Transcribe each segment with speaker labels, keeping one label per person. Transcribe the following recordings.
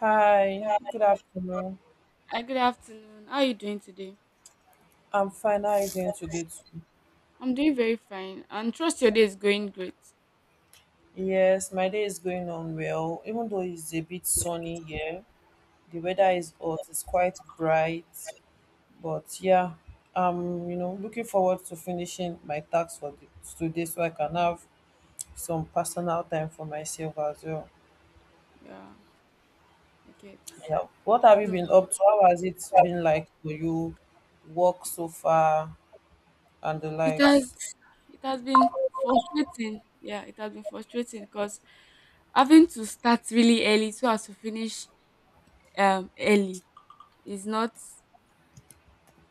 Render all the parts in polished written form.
Speaker 1: Hi, good afternoon.
Speaker 2: Hi, good afternoon. How are you doing today?
Speaker 1: I'm fine. How are you doing today too?
Speaker 2: I'm doing very fine and trust your day is going great.
Speaker 1: Yes, my day is going on well. Even though it's a bit sunny here, the weather
Speaker 2: Mm,
Speaker 1: is hot, it's quite bright. But yeah, I'm looking forward to finishing my tasks for today, so I can have some personal time for myself as well.
Speaker 2: yeah, I get.
Speaker 1: Yeah. What have you
Speaker 2: So
Speaker 1: been up to? How has it been like for you? Work so far and the
Speaker 2: it has
Speaker 1: likes?
Speaker 2: it has been frustrating. Yeah, it has been frustrating because having to start really early so as to finish early is not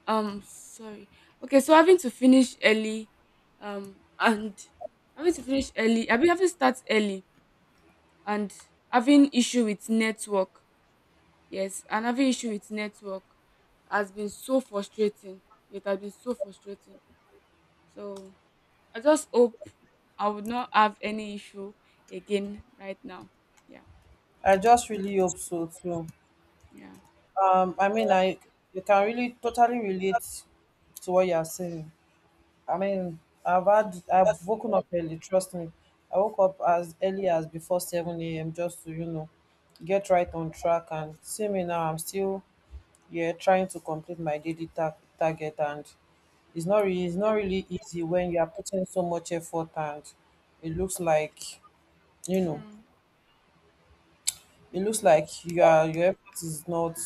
Speaker 2: sorry. Okay, so having to finish early and having to start early and having issue with network. Yes, and having issue with network has been so frustrating. It has been so frustrating. So I just hope I would not have any issue again right now. Yeah,
Speaker 1: I just really hope so too.
Speaker 2: yeah,
Speaker 1: I mean, I you can really totally relate to what you are saying. I mean, I've woken up early. Trust me, I woke up as early as before seven a.m. just to get right on track. And see me now, I'm still yeah trying to complete my target, and it's not really easy when you are putting so much effort, and it looks like you know
Speaker 2: true.
Speaker 1: it looks like your effort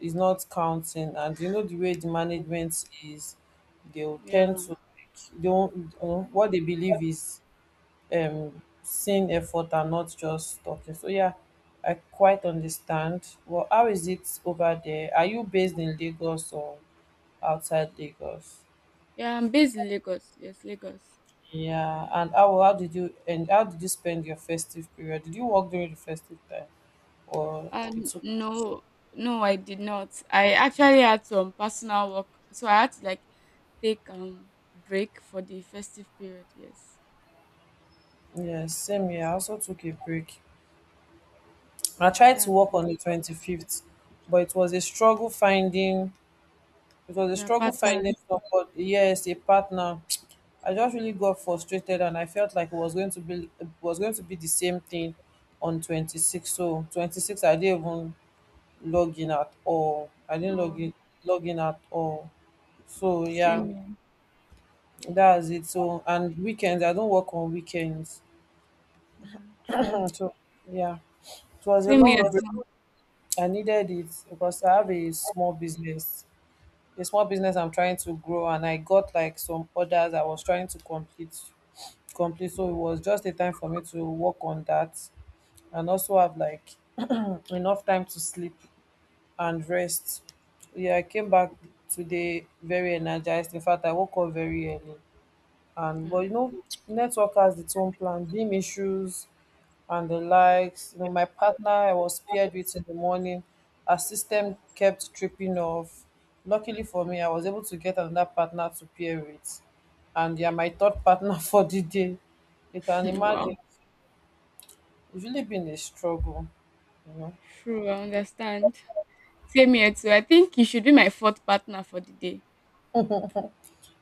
Speaker 1: is not counting. And you know, the way the management is, they'll
Speaker 2: Yeah,
Speaker 1: tend to like, they won't, what they believe is seeing effort and not just talking. So yeah, I quite understand. Well, how is it over there? Are you based in Lagos or outside Lagos?
Speaker 2: yeah. I'm based in Lagos. Yes, Lagos.
Speaker 1: Yeah. And how did you spend your festive period? Did you work during the festive time or you
Speaker 2: And
Speaker 1: took—
Speaker 2: No, no, I did not. I actually had some personal work, so I had to like take break for the festive period. Yes.
Speaker 1: Yes, same here, I also took a break. I
Speaker 2: Oh,
Speaker 1: tried to
Speaker 2: that's
Speaker 1: work on the 25th, but it was a struggle finding— it was a
Speaker 2: Yeah,
Speaker 1: struggle
Speaker 2: partners.
Speaker 1: finding somebody, yes, a partner. I just really got frustrated and I felt like it was going to be the same thing on 26th. So 26th I didn't even log in at all. I didn't log
Speaker 2: Oh,
Speaker 1: in Log in at all. So yeah,
Speaker 2: same here.
Speaker 1: that's it. So and weekends, I don't work on weekends.
Speaker 2: Yeah, true.
Speaker 1: So yeah. It was a
Speaker 2: Same here
Speaker 1: long break.
Speaker 2: too.
Speaker 1: I needed it because I have a small business. A small business I'm trying to grow, and I got like some orders I was trying to complete. So it was just a time for me to work on that and also have like enough time to sleep and rest. Yeah, I came back today very energized. In fact, I woke up very early, and but you
Speaker 2: Yeah.
Speaker 1: know, network has its own plan, beam issues and the likes. You know, my partner I was paired with in the morning, our system kept tripping off. Luckily for me, I was able to get another partner to pair with, and they are my third partner for the day. You can imagine,
Speaker 2: Wow.
Speaker 1: it's really been a struggle. You know,
Speaker 2: True, I understand. Same here too. I think you should be my fourth partner for the day.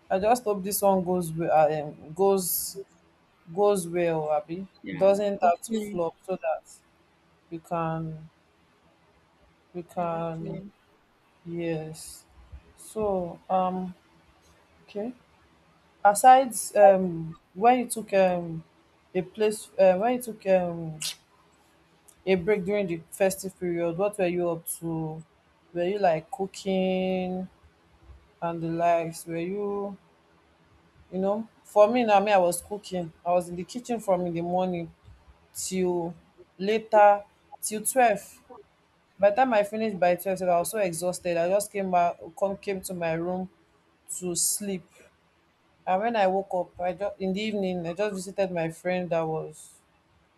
Speaker 1: I just hope this one goes well, um, goes goes well, Abby.
Speaker 2: Yeah,
Speaker 1: Doesn't have to
Speaker 2: hopefully.
Speaker 1: flop, so that we can we
Speaker 2: Yeah,
Speaker 1: can—
Speaker 2: hopefully.
Speaker 1: yes. So um okay. asides when you took a place uh, when you took um a break during the festive period, what were you up to? Were you like cooking and the likes? Were you— you know, for me, na me, I was cooking. I was in the kitchen from in the morning till later, till 12. By the time I finished by 12 sef, I was so exhausted, I just came back come came to my room to sleep. And when I woke up, I just— in the evening I just visited my friend that was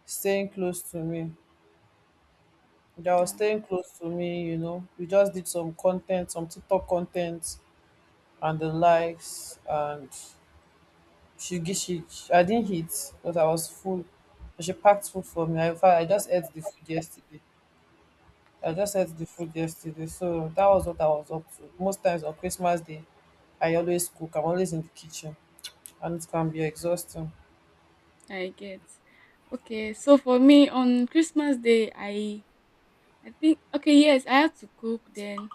Speaker 1: staying close to me. They were
Speaker 2: Yeah,
Speaker 1: staying close to me, you know. We just did some content, some TikTok content and the likes. And she gi- she I didn't eat, but I was full. But she packed food for me. I, in fact, I just ate the food yesterday. So that was what I was up to. Most times on Christmas Day, I always cook. I'm always in the kitchen, and it can be exhausting.
Speaker 2: I get. Okay, so for me on Christmas Day, I think okay, yes, I had to cook then.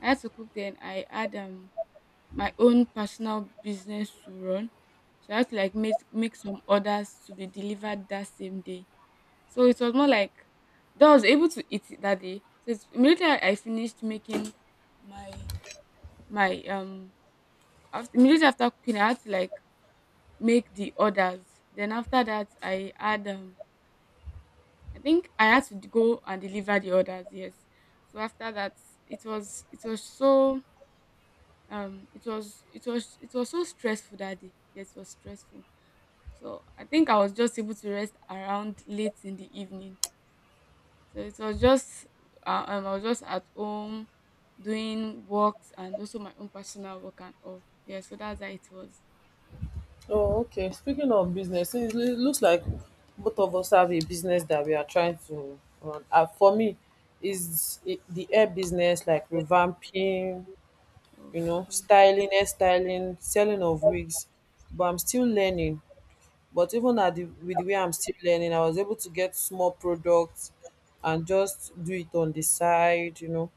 Speaker 2: I had to cook then. I had my own personal business to run, so I had to like make some orders to be delivered that same day. So it was more like that I was able to eat it that day. So it's, immediately I finished making my my immediately after cooking, I had to like make the orders. Then after that, I had I think I had to go and deliver the orders. Yes. So after that, it was so it was it was it was so stressful that day. Yes, it was stressful. So I think I was just able to rest around late in the evening. So it was just I was just at home doing works and also my own personal work and all. Yeah, so that's how it was.
Speaker 1: Oh, okay. Speaking of business, it looks like both of us have a business that we are trying to run. For me, the hair business, like revamping, you know,
Speaker 2: Okay,
Speaker 1: styling, hair styling, selling of wigs. But I'm still learning. But even at the— with the way I'm still learning, I was able to get small products and just do it on the side, you know,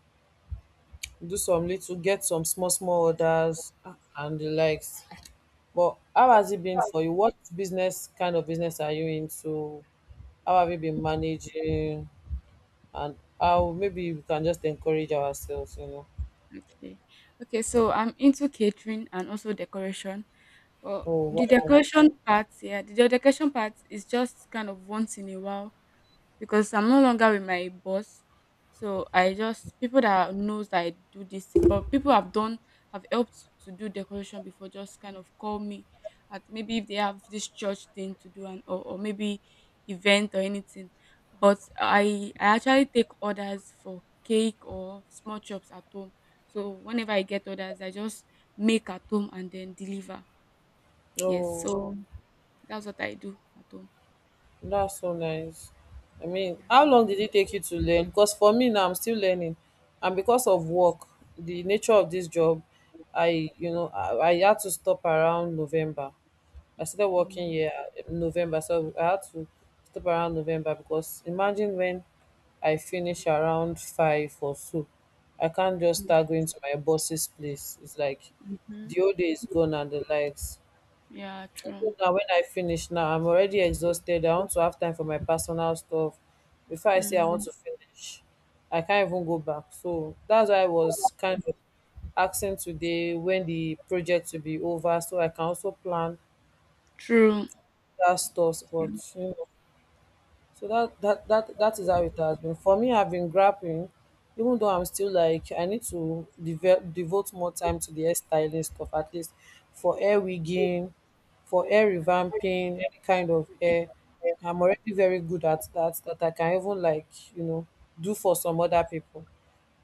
Speaker 1: do some little, get some small small orders ah, and the likes. But how has it been for you? What business kind of business are you into? How have you been managing? And how— maybe we can just encourage ourselves, you know.
Speaker 2: okay, okay. So I'm into catering and also decoration. But
Speaker 1: Oh
Speaker 2: the Oh,
Speaker 1: wow.
Speaker 2: decoration part, yeah, the decoration part is just kind of once in a while because I'm no longer with my boss. So I just people that knows that I do this, but people have helped to do decoration before just kind of call me at maybe if they have this church thing to do and or maybe event or anything. But I actually take orders for cake or small chops at home. So whenever I get orders, I just make at home and then deliver. Yes,
Speaker 1: Oh,
Speaker 2: so that's what I do at home.
Speaker 1: that's so nice. I mean,
Speaker 2: Yeah.
Speaker 1: how long did it take you to learn? Because for me now, I'm still learning. And because of work, the nature of this job, I— you know, I had to stop around November. I started working
Speaker 2: Um,
Speaker 1: here in November, so I had to stop around November. Because imagine, when I finish around five or so, I can't just start going to my boss's place. It's like
Speaker 2: mhm.
Speaker 1: the whole day is gone and the likes.
Speaker 2: Yeah,
Speaker 1: Even
Speaker 2: true.
Speaker 1: now, when I finish now, I'm already exhausted. I want to have time for my personal stuff. Before I say I want
Speaker 2: Mm,
Speaker 1: to finish, I can't even go back. So that's why I was kind of asking today when the project will be over, so I can also plan
Speaker 2: true.
Speaker 1: that stuff, but you know, so that is how it has been. For me, I've been grappling, even though I'm still like— I need to develop, devote more time to the hair styling stuff, at least for hair wigging, for hair revamping, any kind of hair. I'm already very good at that. That I can even like, you know do for some other people.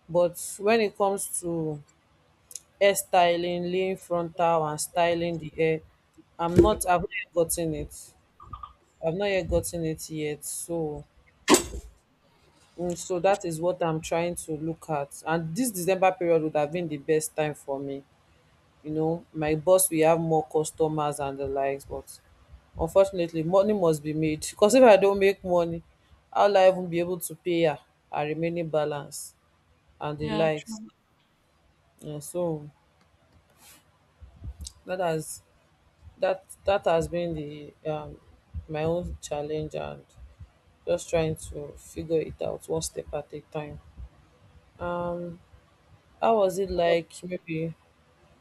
Speaker 1: But when it comes to hair styling, laying frontal and styling the hair, I'm not. I've not yet gotten it. I've not yet gotten it yet. So, so that is what I'm trying to look at. And this December period would have been the best time for me. You know, my boss will have more customers and the likes, but unfortunately, money must be made. Because if I don't make money, how will I even be able to pay her remaining balance and the
Speaker 2: Yeah,
Speaker 1: likes?
Speaker 2: true.
Speaker 1: And so that has— that has been the my own challenge, and just trying to figure it out one step at a time. Um How was it like? Maybe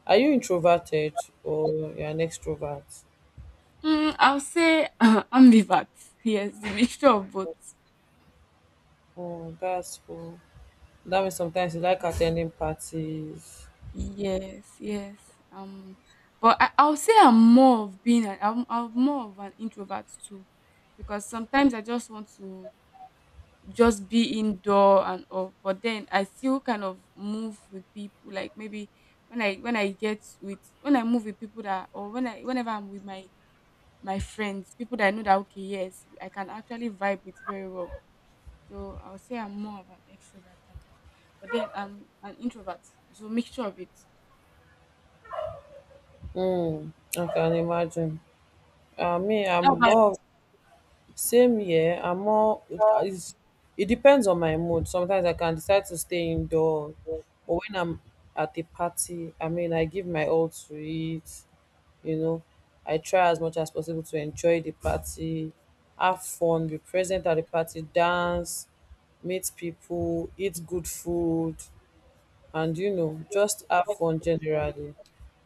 Speaker 1: are you introverted or you're an extrovert?
Speaker 2: Mm, I'll say ambivert. Yes, a mixture of both.
Speaker 1: Oh, that's cool. That means sometimes you like attending parties.
Speaker 2: Yes, yes. But I'll say I'm more of I'm more of an introvert too, because sometimes I just want to just be indoor and all. But then I still kind of move with people. Like maybe when I get with when I move with people that or when I whenever I'm with my my friends, people that I know that okay, yes, I can actually vibe with very well. So I'll say I'm more of an extrovert, but then I'm an introvert, so mixture of it.
Speaker 1: Mm, I can imagine. Me, I'm
Speaker 2: How about
Speaker 1: more— same here. I'm more. It's, it depends on my mood. Sometimes I can decide to stay indoor, but when I'm at a party, I mean, I give my all to it. You know, I try as much as possible to enjoy the party, have fun, be present at the party, dance, meet people, eat good food, and you know, just have fun generally.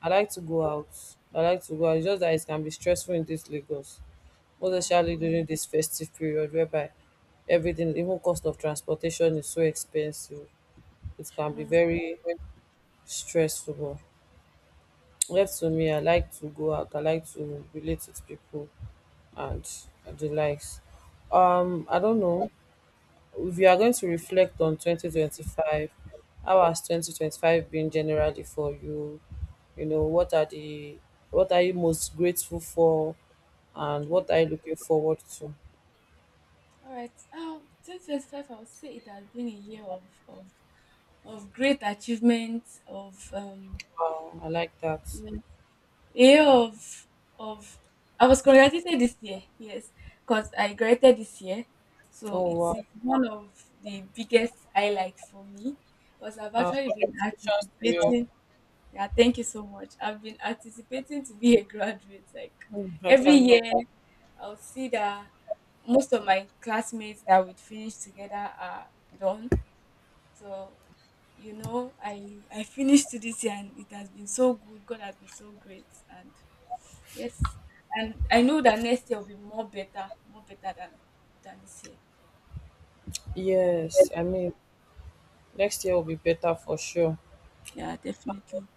Speaker 1: I like to go out. It's just that it can be stressful in this Lagos, most
Speaker 2: Yeah.
Speaker 1: especially during this festive period, whereby everything, even cost of transportation, is so expensive. It can be
Speaker 2: Sure.
Speaker 1: very stressful. But left to me, I like to go out, I like to relate with people and the likes. I don't know if you are going to reflect on 2025. How has 2025 been generally for you? You know, what are you most grateful for, and
Speaker 2: Okay.
Speaker 1: what are you looking forward to?
Speaker 2: All right. 2025, I would say it has been a year of great achievements, of
Speaker 1: Wow, I like that.
Speaker 2: a year of, I was congratulated this year, yes, because I graduated this year. So
Speaker 1: Oh wow!
Speaker 2: it's one of the biggest highlight for me because I've actually been
Speaker 1: Congratulations to you.
Speaker 2: anticipating. Yeah, thank you so much. I've been anticipating to be a graduate. Like
Speaker 1: Hmm, I
Speaker 2: every
Speaker 1: can.
Speaker 2: year, I'll see that most of my classmates that would finish together are done. So you know, I finished to this year, and it has been so good. God has been so great, and yes, and I know that next year will be more better than this year.
Speaker 1: Yes, I mean, next year will be better for sure.
Speaker 2: Yeah, definitely.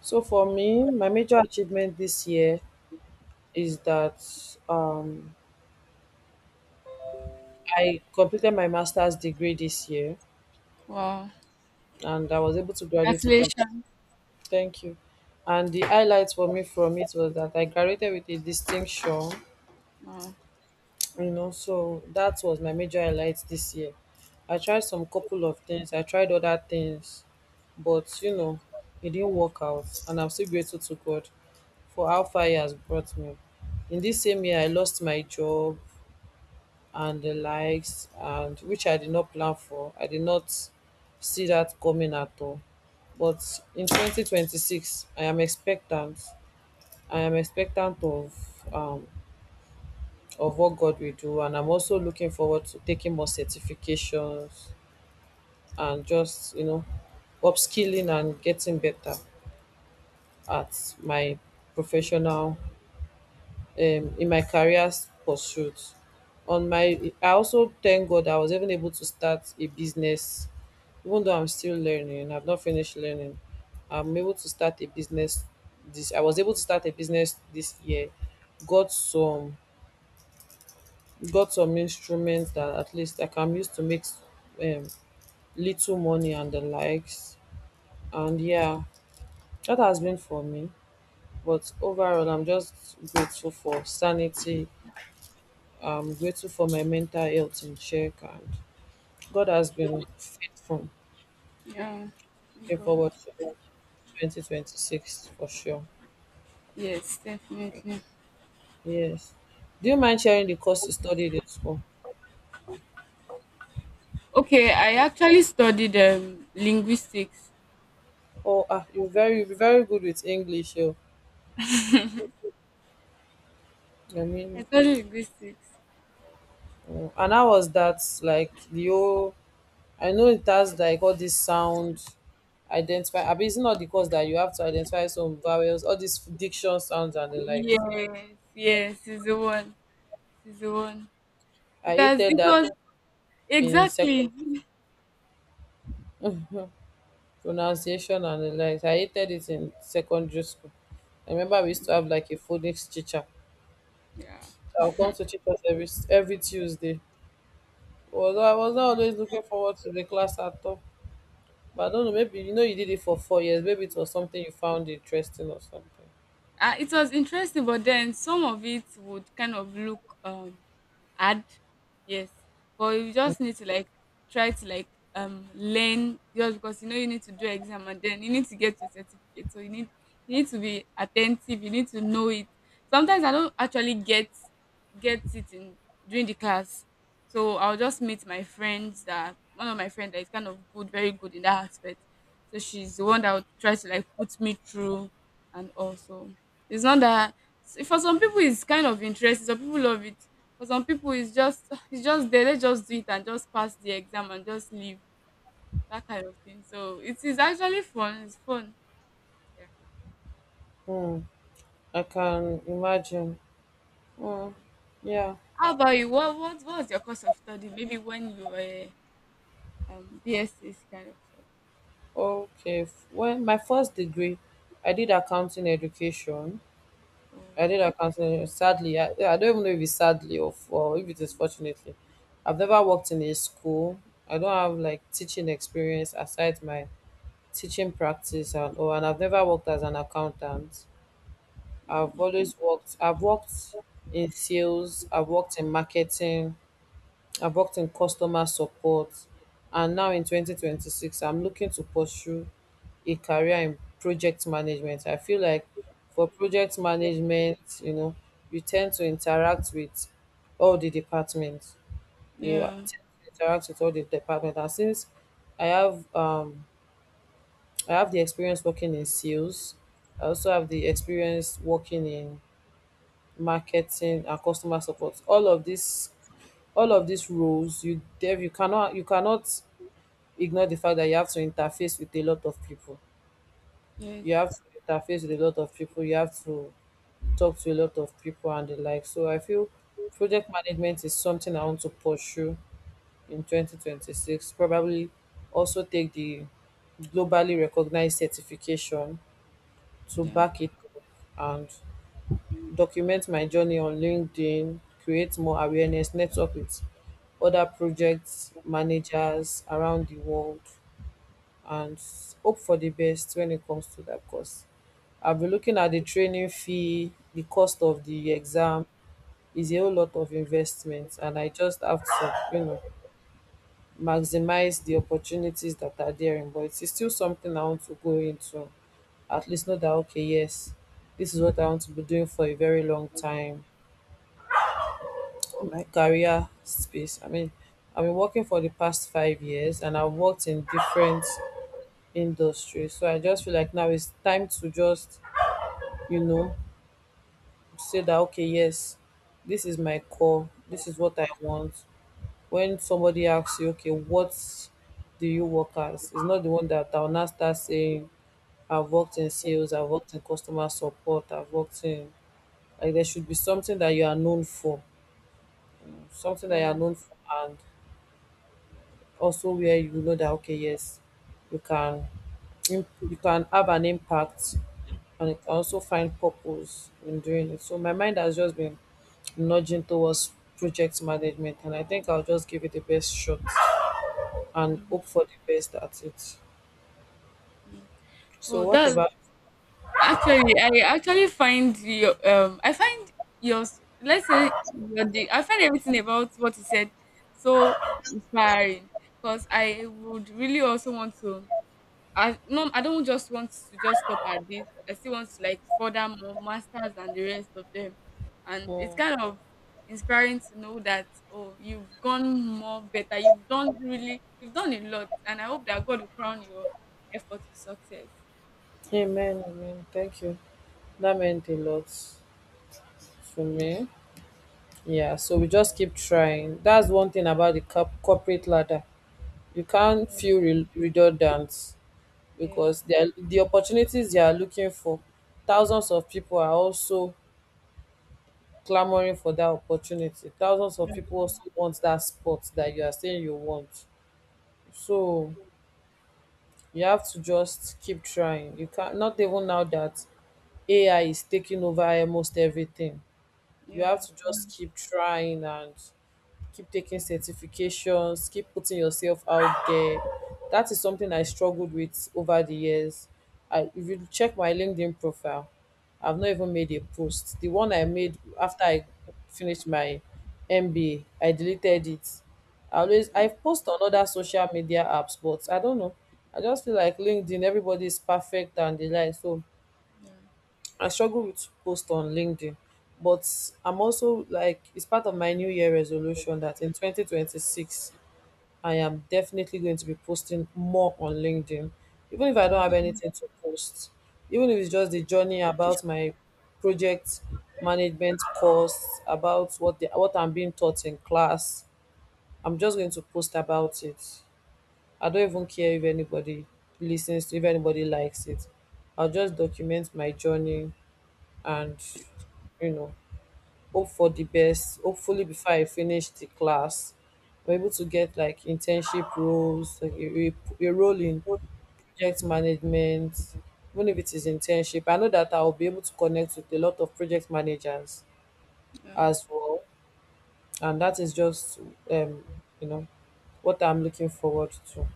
Speaker 1: So for me, my major achievement this year is that um, I completed my master's degree this year,
Speaker 2: Wow,
Speaker 1: and I was able to graduate with it.
Speaker 2: congratulations.
Speaker 1: Thank you. And the highlights for me from it was that I graduated with a distinction.
Speaker 2: Wow,
Speaker 1: You know, so that was my major highlight this year. I tried some couple of things, I tried other things, but you know, it didn't work out. And I'm still grateful to God for how far he has brought me. In this same year, I lost my job and the likes, and which I did not plan for. I did not see that coming at all. But in 2026, I am expectant. I am expectant of what God will do. And I'm also looking forward to taking more certifications, and just, you know, upskilling and getting better at my professional, in my career pursuit. On my— I also thank God I was even able to start a business. Even though I'm still learning, I've not finished learning, I'm able to start a business. This I was able to start a business this year. Got some got some instruments that at least I can use to make um, little money and the likes. And yeah, that has been for me. But overall, I'm just grateful for sanity. I'm grateful for my mental health in check. And God has been faithful.
Speaker 2: yeah, thank
Speaker 1: Looking
Speaker 2: God.
Speaker 1: forward to 2026 for sure.
Speaker 2: Yes, definitely.
Speaker 1: Yes. Do you mind sharing the course you studied in school?
Speaker 2: Okay, I actually studied linguistics.
Speaker 1: Oh, ah, you're very, very good with English. Oh. I
Speaker 2: I
Speaker 1: mean,
Speaker 2: studied linguistics.
Speaker 1: and how was that? Like the whole I know it has like all this sound identify. I mean, it's not the course that you have to identify some vowels, all these diction sounds and the likes.
Speaker 2: Yes, yes, is the one. Is the one. It
Speaker 1: I
Speaker 2: has.
Speaker 1: hated
Speaker 2: It
Speaker 1: that
Speaker 2: was
Speaker 1: in second
Speaker 2: exactly.
Speaker 1: Pronunciation and the likes. I hated it in secondary school. I remember we used to have like a phonics teacher.
Speaker 2: Yeah.
Speaker 1: I'll come to teach us every Tuesday. Although I was not always looking forward to the class at all. But I don't know, maybe you know you did it for 4 years. Maybe it was something you found interesting or something.
Speaker 2: It was interesting, but then some of it would kind of look hard. Yes, but you just need to like try to like learn just because you know you need to do exam and then you need to get your certificate. So you need to be attentive. You need to know it. Sometimes I don't actually get it in during the class, so I'll just meet my friends that one of my friends that is kind of good, very good in that aspect. So she's the one that would try to like put me through and also it's not that for some people it's kind of interesting. Some people love it. For some people it's just there. Let's just do it and just pass the exam and just leave. That kind of thing. So it is actually fun. It's fun. Yeah.
Speaker 1: Hmm. I can imagine. Mm, yeah.
Speaker 2: How about you? What was your course of study? Maybe when you were BSc kind of stuff.
Speaker 1: Okay. Well, my first degree, I did accounting education.
Speaker 2: Oh
Speaker 1: I did accounting. Sadly, yeah, I don't even know if it's sadly or, or if it is fortunately. I've never worked in a school. I don't have like teaching experience aside my teaching practice and all. And I've never worked as an accountant. I've always worked. I've worked in sales. I've worked in marketing. I've worked in customer support, and now in 2026, I'm looking to pursue a career in project management. I feel like for project management, you know, you tend to interact with all the departments. You
Speaker 2: yeah.
Speaker 1: tend to interact with all the departments, and since I have um I have the experience working in sales, I also have the experience working in marketing and customer support. All of these roles you cannot ignore the fact that you have to interface with a lot of people,
Speaker 2: Yes.
Speaker 1: you have to interface with a lot of people you have to talk to a lot of people and the like. So I feel project management is something I want to pursue in 2026, probably also take the globally recognized certification to
Speaker 2: Yeah.
Speaker 1: back it up and document my journey on LinkedIn, create more awareness, network with other project managers around the world, and hope for the best when it comes to that course. I'll be looking at the training fee, the cost of the exam is a whole lot of investment and I just have to, you know, maximize the opportunities that are there in, but it's still something I want to go into, at least know that okay, yes, this is what I want to be doing for a very long time, my career space. I mean, I've been working for the past 5 years and I've worked in different industries. So I just feel like now it's time to just, you know, say that, okay, yes, this is my core, this is what I want. When somebody asks you, okay, what do you work as? It's not the one that I'll now start saying, I've worked in sales, I've worked in customer support, I've worked in, like, there should be something that you are known for, something that you
Speaker 2: Yeah.
Speaker 1: are known for and also where you know that okay, yes, you can you can have an impact and you can also find purpose in doing it. So my mind has just been nudging towards project management and I think I'll just give it the best shot and hope for the best at it. So
Speaker 2: Oh
Speaker 1: what
Speaker 2: that's
Speaker 1: about
Speaker 2: Actually, I actually find your I find your s- let's say your de- I find everything about what you said so inspiring because I would really also want to I don't just want to just stop at this. I still want to like further more masters and the rest of them. And it's
Speaker 1: mm,
Speaker 2: kind of inspiring to know that oh you've gone more better. You've done a lot and I hope that God will crown your effort with success. Yeah.
Speaker 1: Amen, amen. Thank you. That meant a lot to me. Yeah, so we just keep trying. That's one thing about the corporate ladder. You can't
Speaker 2: Um,
Speaker 1: feel redundant.
Speaker 2: yes.
Speaker 1: Because the opportunities they are looking for, thousands of people are also clamoring for that opportunity. Thousands of
Speaker 2: Yeah.
Speaker 1: people also want that spot that you are saying you want. So you have to just keep trying. You can't, not even now that AI is taking over almost everything. You have
Speaker 2: Yeah,
Speaker 1: to
Speaker 2: true.
Speaker 1: just keep trying and keep taking certifications, keep putting yourself out there. That is something I struggled with over the years. I, if you check my LinkedIn profile, I've not even made a post. The one I made after I finished my MBA, I deleted it. I post on other social media apps, but I don't know. I just feel like LinkedIn, everybody is perfect and the like. So
Speaker 2: Yeah,
Speaker 1: I struggle with post on LinkedIn, but I'm also like it's part of my new year resolution that in 2026 I am definitely going to be posting more on LinkedIn, even if I don't have
Speaker 2: that's true.
Speaker 1: anything to post, even if it's just the journey about my project management course, about what what I'm being taught in class. I'm just going to post about it. I don't even care if anybody listens to if anybody likes it. I'll just document my journey and, you know, hope for the best. Hopefully before I finish the class I'm able to get like internship roles, like a role in project management. Even if it is internship, I know that I'll be able to connect with a lot of project managers
Speaker 2: Yeah.
Speaker 1: as well, and that is just um you know what I'm looking forward to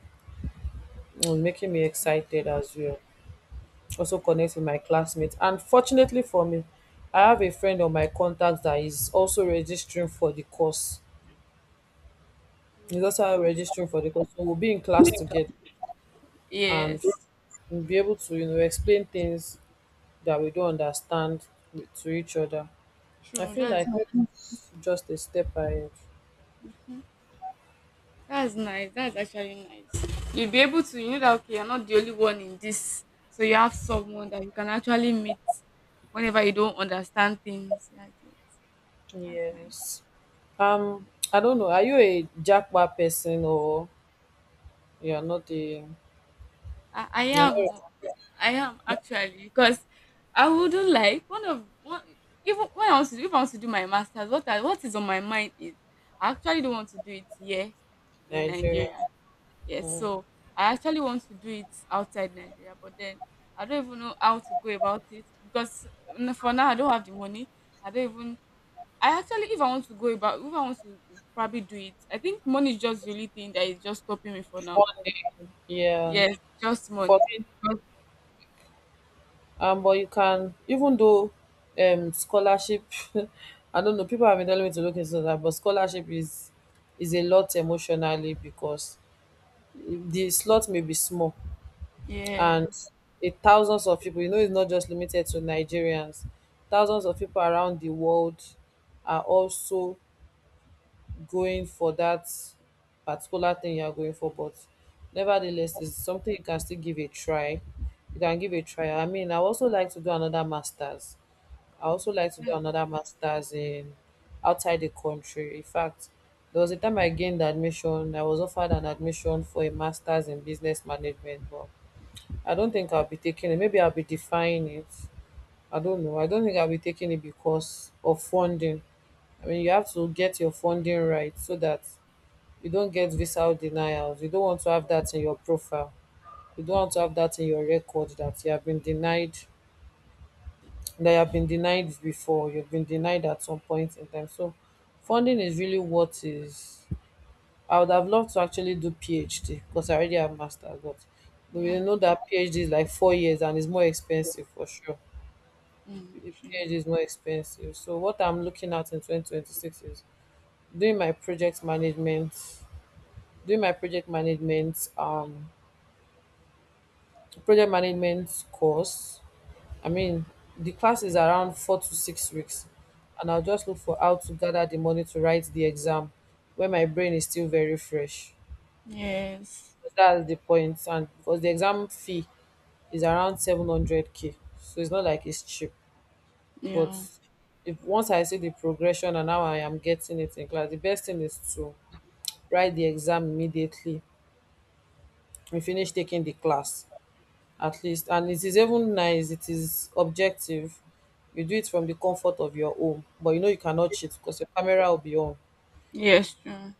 Speaker 1: and making me excited as well. Also connect with my classmates. And fortunately for me, I have a friend on my contact that is also registering for the course. He's also registering for the course. So we'll be in class together and
Speaker 2: Yes,
Speaker 1: we'll be able to, you know, explain things that we don't understand to each other. I
Speaker 2: true.
Speaker 1: feel like it's just a step ahead.
Speaker 2: That's nice. That's actually nice. You'll be able to, you know, that okay, you're not the only one in this, so you have someone that you can actually meet whenever you don't understand things. Yeah, I get. That's nice.
Speaker 1: Yes. Um, I don't know. Are you a Jackpot person or you're not a
Speaker 2: I
Speaker 1: you're not
Speaker 2: am,
Speaker 1: a
Speaker 2: oh, I am actually because I wouldn't like one even when I was to do, if I want to do my masters, what is on my mind is I actually don't want to do it here in
Speaker 1: Nigeria?
Speaker 2: Nigeria. Yes,
Speaker 1: Mm.
Speaker 2: so I actually want to do it outside Nigeria, but then I don't even know how to go about it because for now I don't have the money. I don't even. I actually, if I want to go about, if I want to probably do it, I think money is just the only thing that is just stopping me for now.
Speaker 1: One day, yeah.
Speaker 2: Yes, just
Speaker 1: For
Speaker 2: money.
Speaker 1: me,
Speaker 2: But
Speaker 1: But you can, even though scholarship, I don't know, people have been telling me to look into that, but scholarship is a lot emotionally because the slot may be small and
Speaker 2: yeah,
Speaker 1: it thousands of people, you know, it's not just limited to Nigerians. Thousands of people around the world are also going for that particular thing you're going for, but nevertheless, it's something you can still give a try. You can give a try. I mean, I
Speaker 2: oh,
Speaker 1: also like to do
Speaker 2: yeah,
Speaker 1: another masters in outside the country. In fact, there was a time I gained admission. I was offered an admission for a masters in business management, but I don't think I'll be taking it. Maybe I'll be defying it. I don't know. I don't think I'll be taking it because of funding. I mean, you have to get your funding right so that you don't get visa denials. You don't want to have that in your profile. You don't want to have that in your record that you have been denied that you have been denied before, you've been denied at some point in time. So funding is really what is I would have loved to actually do PhD because I already have master's, but we
Speaker 2: yeah.
Speaker 1: really know that PhD is like 4 years and it's more expensive for sure.
Speaker 2: Mm.
Speaker 1: PhD is more expensive. So what I'm looking at in 2026 is doing my project management, doing my project management, um, project management course. I mean, the class is around 4 to 6 weeks, and I'll just look for how to gather the money to write the exam when my brain is still very fresh.
Speaker 2: Yes,
Speaker 1: That's the point, and because the exam fee is around 700k, so it's not like it's cheap. But
Speaker 2: yeah,
Speaker 1: if once I see the progression and how I am getting it in class, the best thing is to write the exam immediately and finish taking the class. At least, and it is even nice, it is objective, you do it from the comfort of your home, but you know you cannot cheat because your camera will be on.
Speaker 2: yes, true.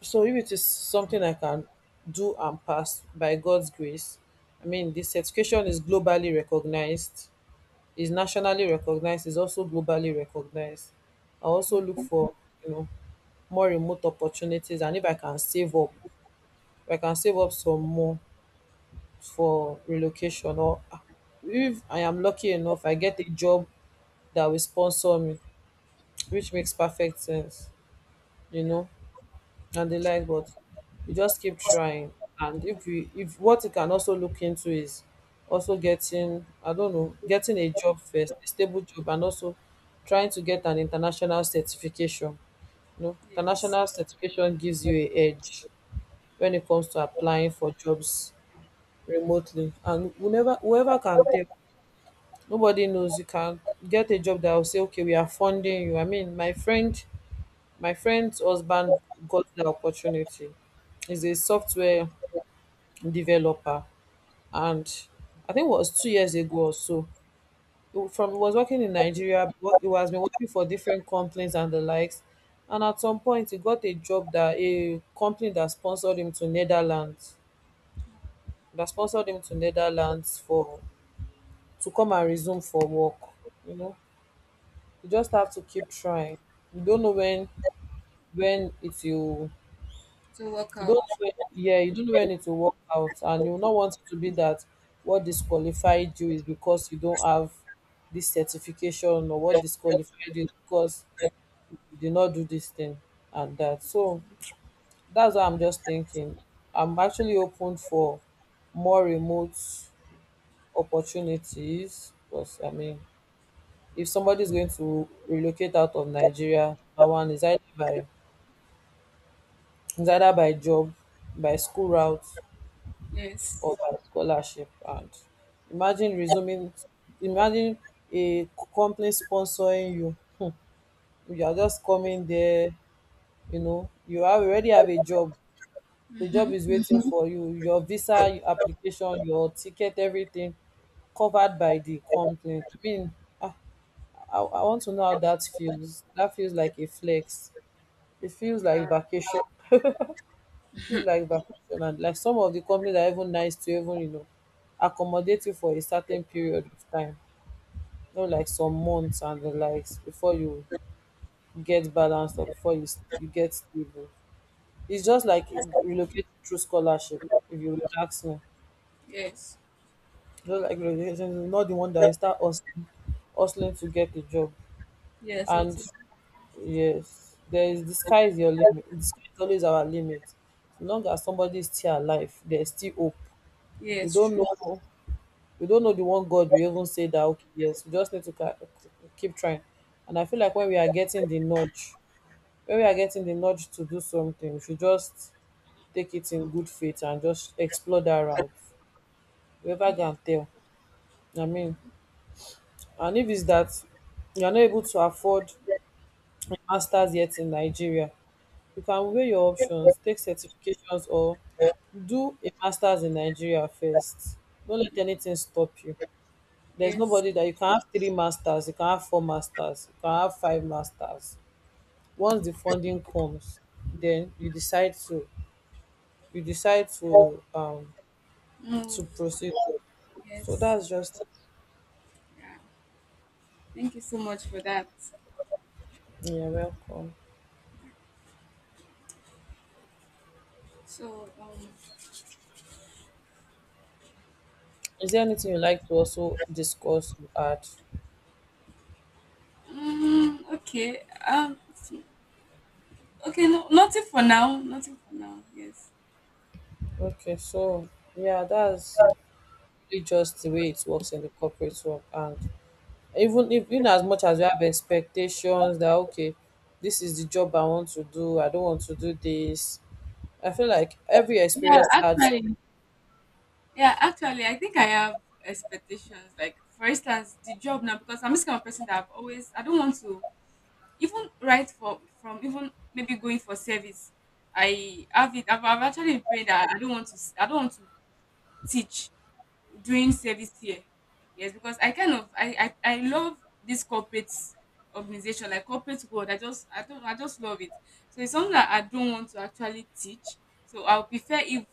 Speaker 1: So if it is something I can do and pass by God's grace, I mean the certification is globally recognized, is also globally recognized. I also look for, you know, more remote opportunities, and if I can save up, if I can save up some more for relocation, or if I am lucky enough I get a job that will sponsor me, which makes perfect sense, you know, and the like. But you just keep trying, and if what you can also look into is also getting, I don't know, getting a job first, a stable job, and also trying to get an international certification. You know,
Speaker 2: Yes,
Speaker 1: international certification gives you a edge when it comes to applying for jobs remotely, and whenever whoever can take nobody knows you can get a job that will say, okay, we are funding you. I mean, My friend's husband got the opportunity. He's a software developer, and I think it was 2 years ago or so. He was working in Nigeria, he has been working for different companies and the likes. And at some point, he got a job that a company that sponsored him to Netherlands, that sponsored him to Netherlands for to come and resume for work. You know, you just have to keep trying. You don't know when it will
Speaker 2: to work
Speaker 1: you don't know
Speaker 2: out.
Speaker 1: when, yeah you don't know when it will work out, and you not want it to be that what disqualified you is because you don't have this certification, or what disqualified you is because you did not do this thing and that. So that's what I'm just thinking. I'm actually open for more remote opportunities, because I mean, if somebody is going to relocate out of Nigeria, our one is either by job, by school route of
Speaker 2: Yes,
Speaker 1: her scholarship. And imagine resuming, imagine a company sponsoring you. Hmm. You are just coming there, you know, you have already have a job, the job is waiting, mhm, for you, your visa, your application, your ticket, everything covered by the company. I mean, ah, I want to know how that feels. That feels like a flex, it feels like vacation. Companies like vacation, and like some of the companies are even nice to even, you know, accommodate you for a certain period of time, not like some months and the likes, before you get balanced or before you, you get stable. It's just like relocating through scholarship, if you would ask me.
Speaker 2: yes,
Speaker 1: Just like relocation, not the one that you start hustling to get a job.
Speaker 2: yes, or
Speaker 1: And
Speaker 2: to.
Speaker 1: yes, there is, the sky is your limit, the sky is always our limit. As long as somebody is still alive, there's still hope. We
Speaker 2: Yes,
Speaker 1: don't
Speaker 2: true.
Speaker 1: know, we don't know the one God. We even say that, okay, yes, we just need to keep trying. And I feel like when we are getting the nudge, when we are getting the nudge to do something, we should just take it in good faith and just explore that route. Whoever can tell. I mean, and if it's that you are not able to afford a master's yet in Nigeria, you can weigh your options, take certifications or do a master's in Nigeria first. Don't let anything stop you. There's
Speaker 2: Yes.
Speaker 1: nobody that you can have three masters, you can have four masters, you can have five masters. Once the funding comes, then you decide
Speaker 2: Oh,
Speaker 1: to proceed. So
Speaker 2: yes.
Speaker 1: that's just,
Speaker 2: Yeah. Thank you so much for that.
Speaker 1: yeah, welcome.
Speaker 2: So,
Speaker 1: Is there anything you like to also discuss or add?
Speaker 2: okay. Okay, no, nothing for now. Nothing for now. Yes.
Speaker 1: Okay, so yeah, that's really just the way it works in the corporate world. And even if, in as much as you have expectations that, okay, this is the job I want to do, I don't want to do this, I feel like every
Speaker 2: Yeah,
Speaker 1: experience adds up.
Speaker 2: actually. Yeah, actually, I think I have expectations. Like, for instance, the job now, because I'm this kind of person that I've always, I don't want to from even maybe going for service. I've actually been praying that I don't want to teach. Doing service here. Yes, because I kind of I love this corporate organization, like corporate world. I just I don't I just love it. So it's something that I don't want to actually teach. So I'll prefer if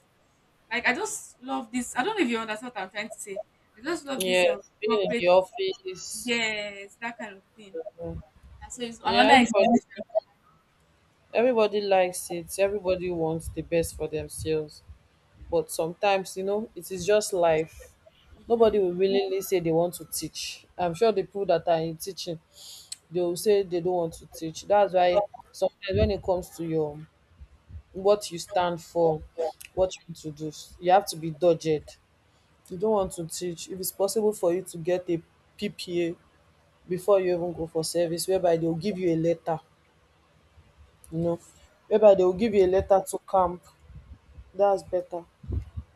Speaker 2: like I just love this. I don't know if you understand what I'm trying to say. I just love this
Speaker 1: Yes, being in the
Speaker 2: corporate,
Speaker 1: office.
Speaker 2: yes, that kind of thing.
Speaker 1: Yeah.
Speaker 2: And so it's
Speaker 1: Yeah,
Speaker 2: another expectation.
Speaker 1: everybody likes it. Everybody wants the best for themselves. But sometimes, you know, it is just life. Nobody will willingly say they want to teach. I'm sure the people that are in teaching, they will say they don't want to teach. That's why sometimes when it comes to your what you stand for, what you want to do, you have to be dogged. You don't want to teach. If it's possible for you to get a PPA before you even go for service, whereby dey go give you a letter, you know,
Speaker 2: Yes.
Speaker 1: whereby dey go give you a letter to camp, that's better.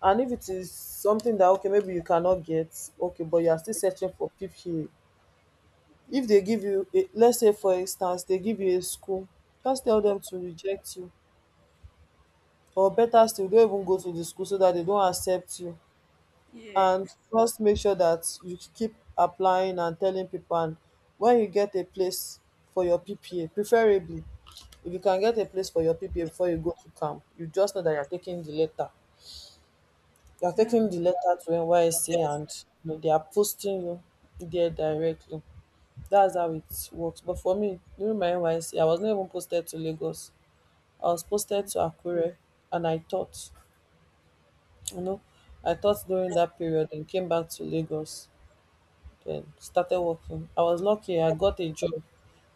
Speaker 1: And if it is something that, okay, maybe you cannot get, okay, but you are still searching for PPA, if dey give you a, let's say for instance dey give you a school, just tell dem to reject you, or better still don't even go to the school so dat dey don accept you. And
Speaker 2: Yes.
Speaker 1: just make sure dat you keep applying and telling people, and when you get a place for your PPA, preferably. If you can get a place for your PPA before you go to camp, you just know that you're taking the letter. You're
Speaker 2: Yeah.
Speaker 1: taking the letter to NYSC and, you know, they are posting you there directly. That's how it works. But for me, during my NYSC, I was not even posted to Lagos. I was posted to Akure, and I taught, you know, I taught during that period and came back to Lagos, then started working. I was lucky, I got a job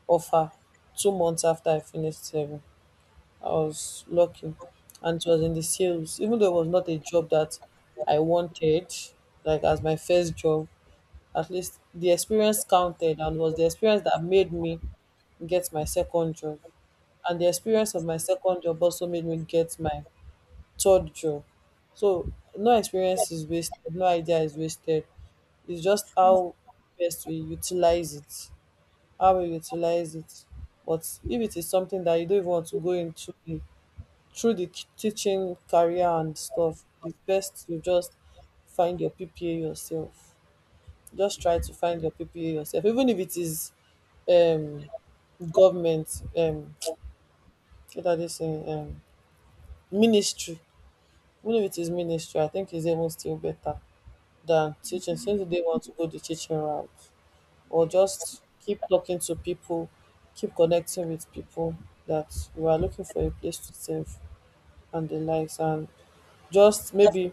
Speaker 1: offer 2 months after I finished serving. I was lucky, and it was in the sales. Even though it was not a job that I wanted, like as my first job, at least the experience counted, and was the experience that made me get my second job. And the experience of my second job also made me get my third job. So no experience is wasted, no idea is wasted. It's just how best we utilize it, how we utilize it. But if it is something that you don't even want to go into, through the teaching career and stuff, the best you just find your PPA yourself. Just try to find your PPA yourself, even if it is um government what are they saying, ministry. Even if it is ministry, I think it's even still better than teaching, since they want to go the teaching route. Or
Speaker 2: Yes.
Speaker 1: just keep talking to people, keep connecting with people that you are looking for a place to serve and the likes. And just maybe,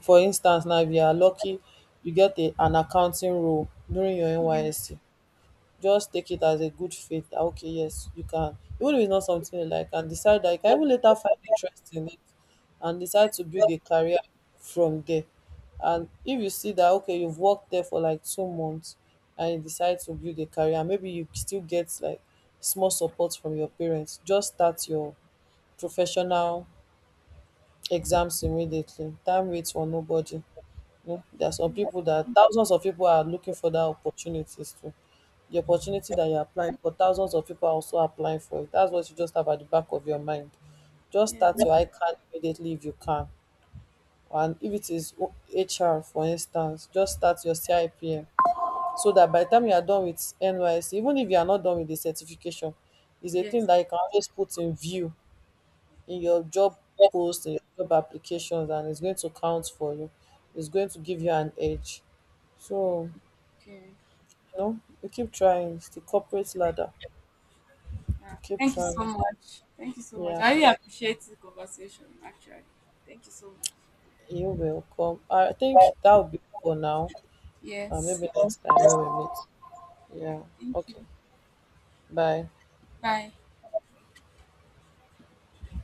Speaker 1: for instance now, if you are lucky you get a an accounting role during your NYSC, just take it as a good faith that, okay, yes, you can, even if it's not something you like, and decide that you can even later find interest in it and decide to build a career from there. And if you see that, okay, you've worked there for like 2 months and you decide to build a career, maybe you still get like small support from your parents, just start your professional exams immediately. Time waits for nobody. You know, there are some people that thousands of people are looking for that opportunities too. The opportunity that you're applying for, thousands of people are also applying for it. That's what you just have at the back of your mind. Just start your ICANN immediately if you can. And if it is HR, for instance, just start your CIPM so that by the time you are done with NYC, even if you are not done with the certification, is a thing
Speaker 2: Yes.
Speaker 1: that you can always put in view in your job post, in your job applications, and it's going to count for you. It's going to give you an edge. So,
Speaker 2: Okay.
Speaker 1: you know, you keep trying. It's the corporate ladder.
Speaker 2: Yeah.
Speaker 1: You keep
Speaker 2: Thank you so
Speaker 1: trying.
Speaker 2: much. Thank you so much.
Speaker 1: Yeah,
Speaker 2: I really appreciate the conversation, actually. Thank you so much.
Speaker 1: you will come. I think that will be for now.
Speaker 2: Yes.
Speaker 1: Maybe next time when we meet.
Speaker 2: All
Speaker 1: Yeah.
Speaker 2: right. Thank
Speaker 1: Okay.
Speaker 2: you.
Speaker 1: Bye.
Speaker 2: Bye.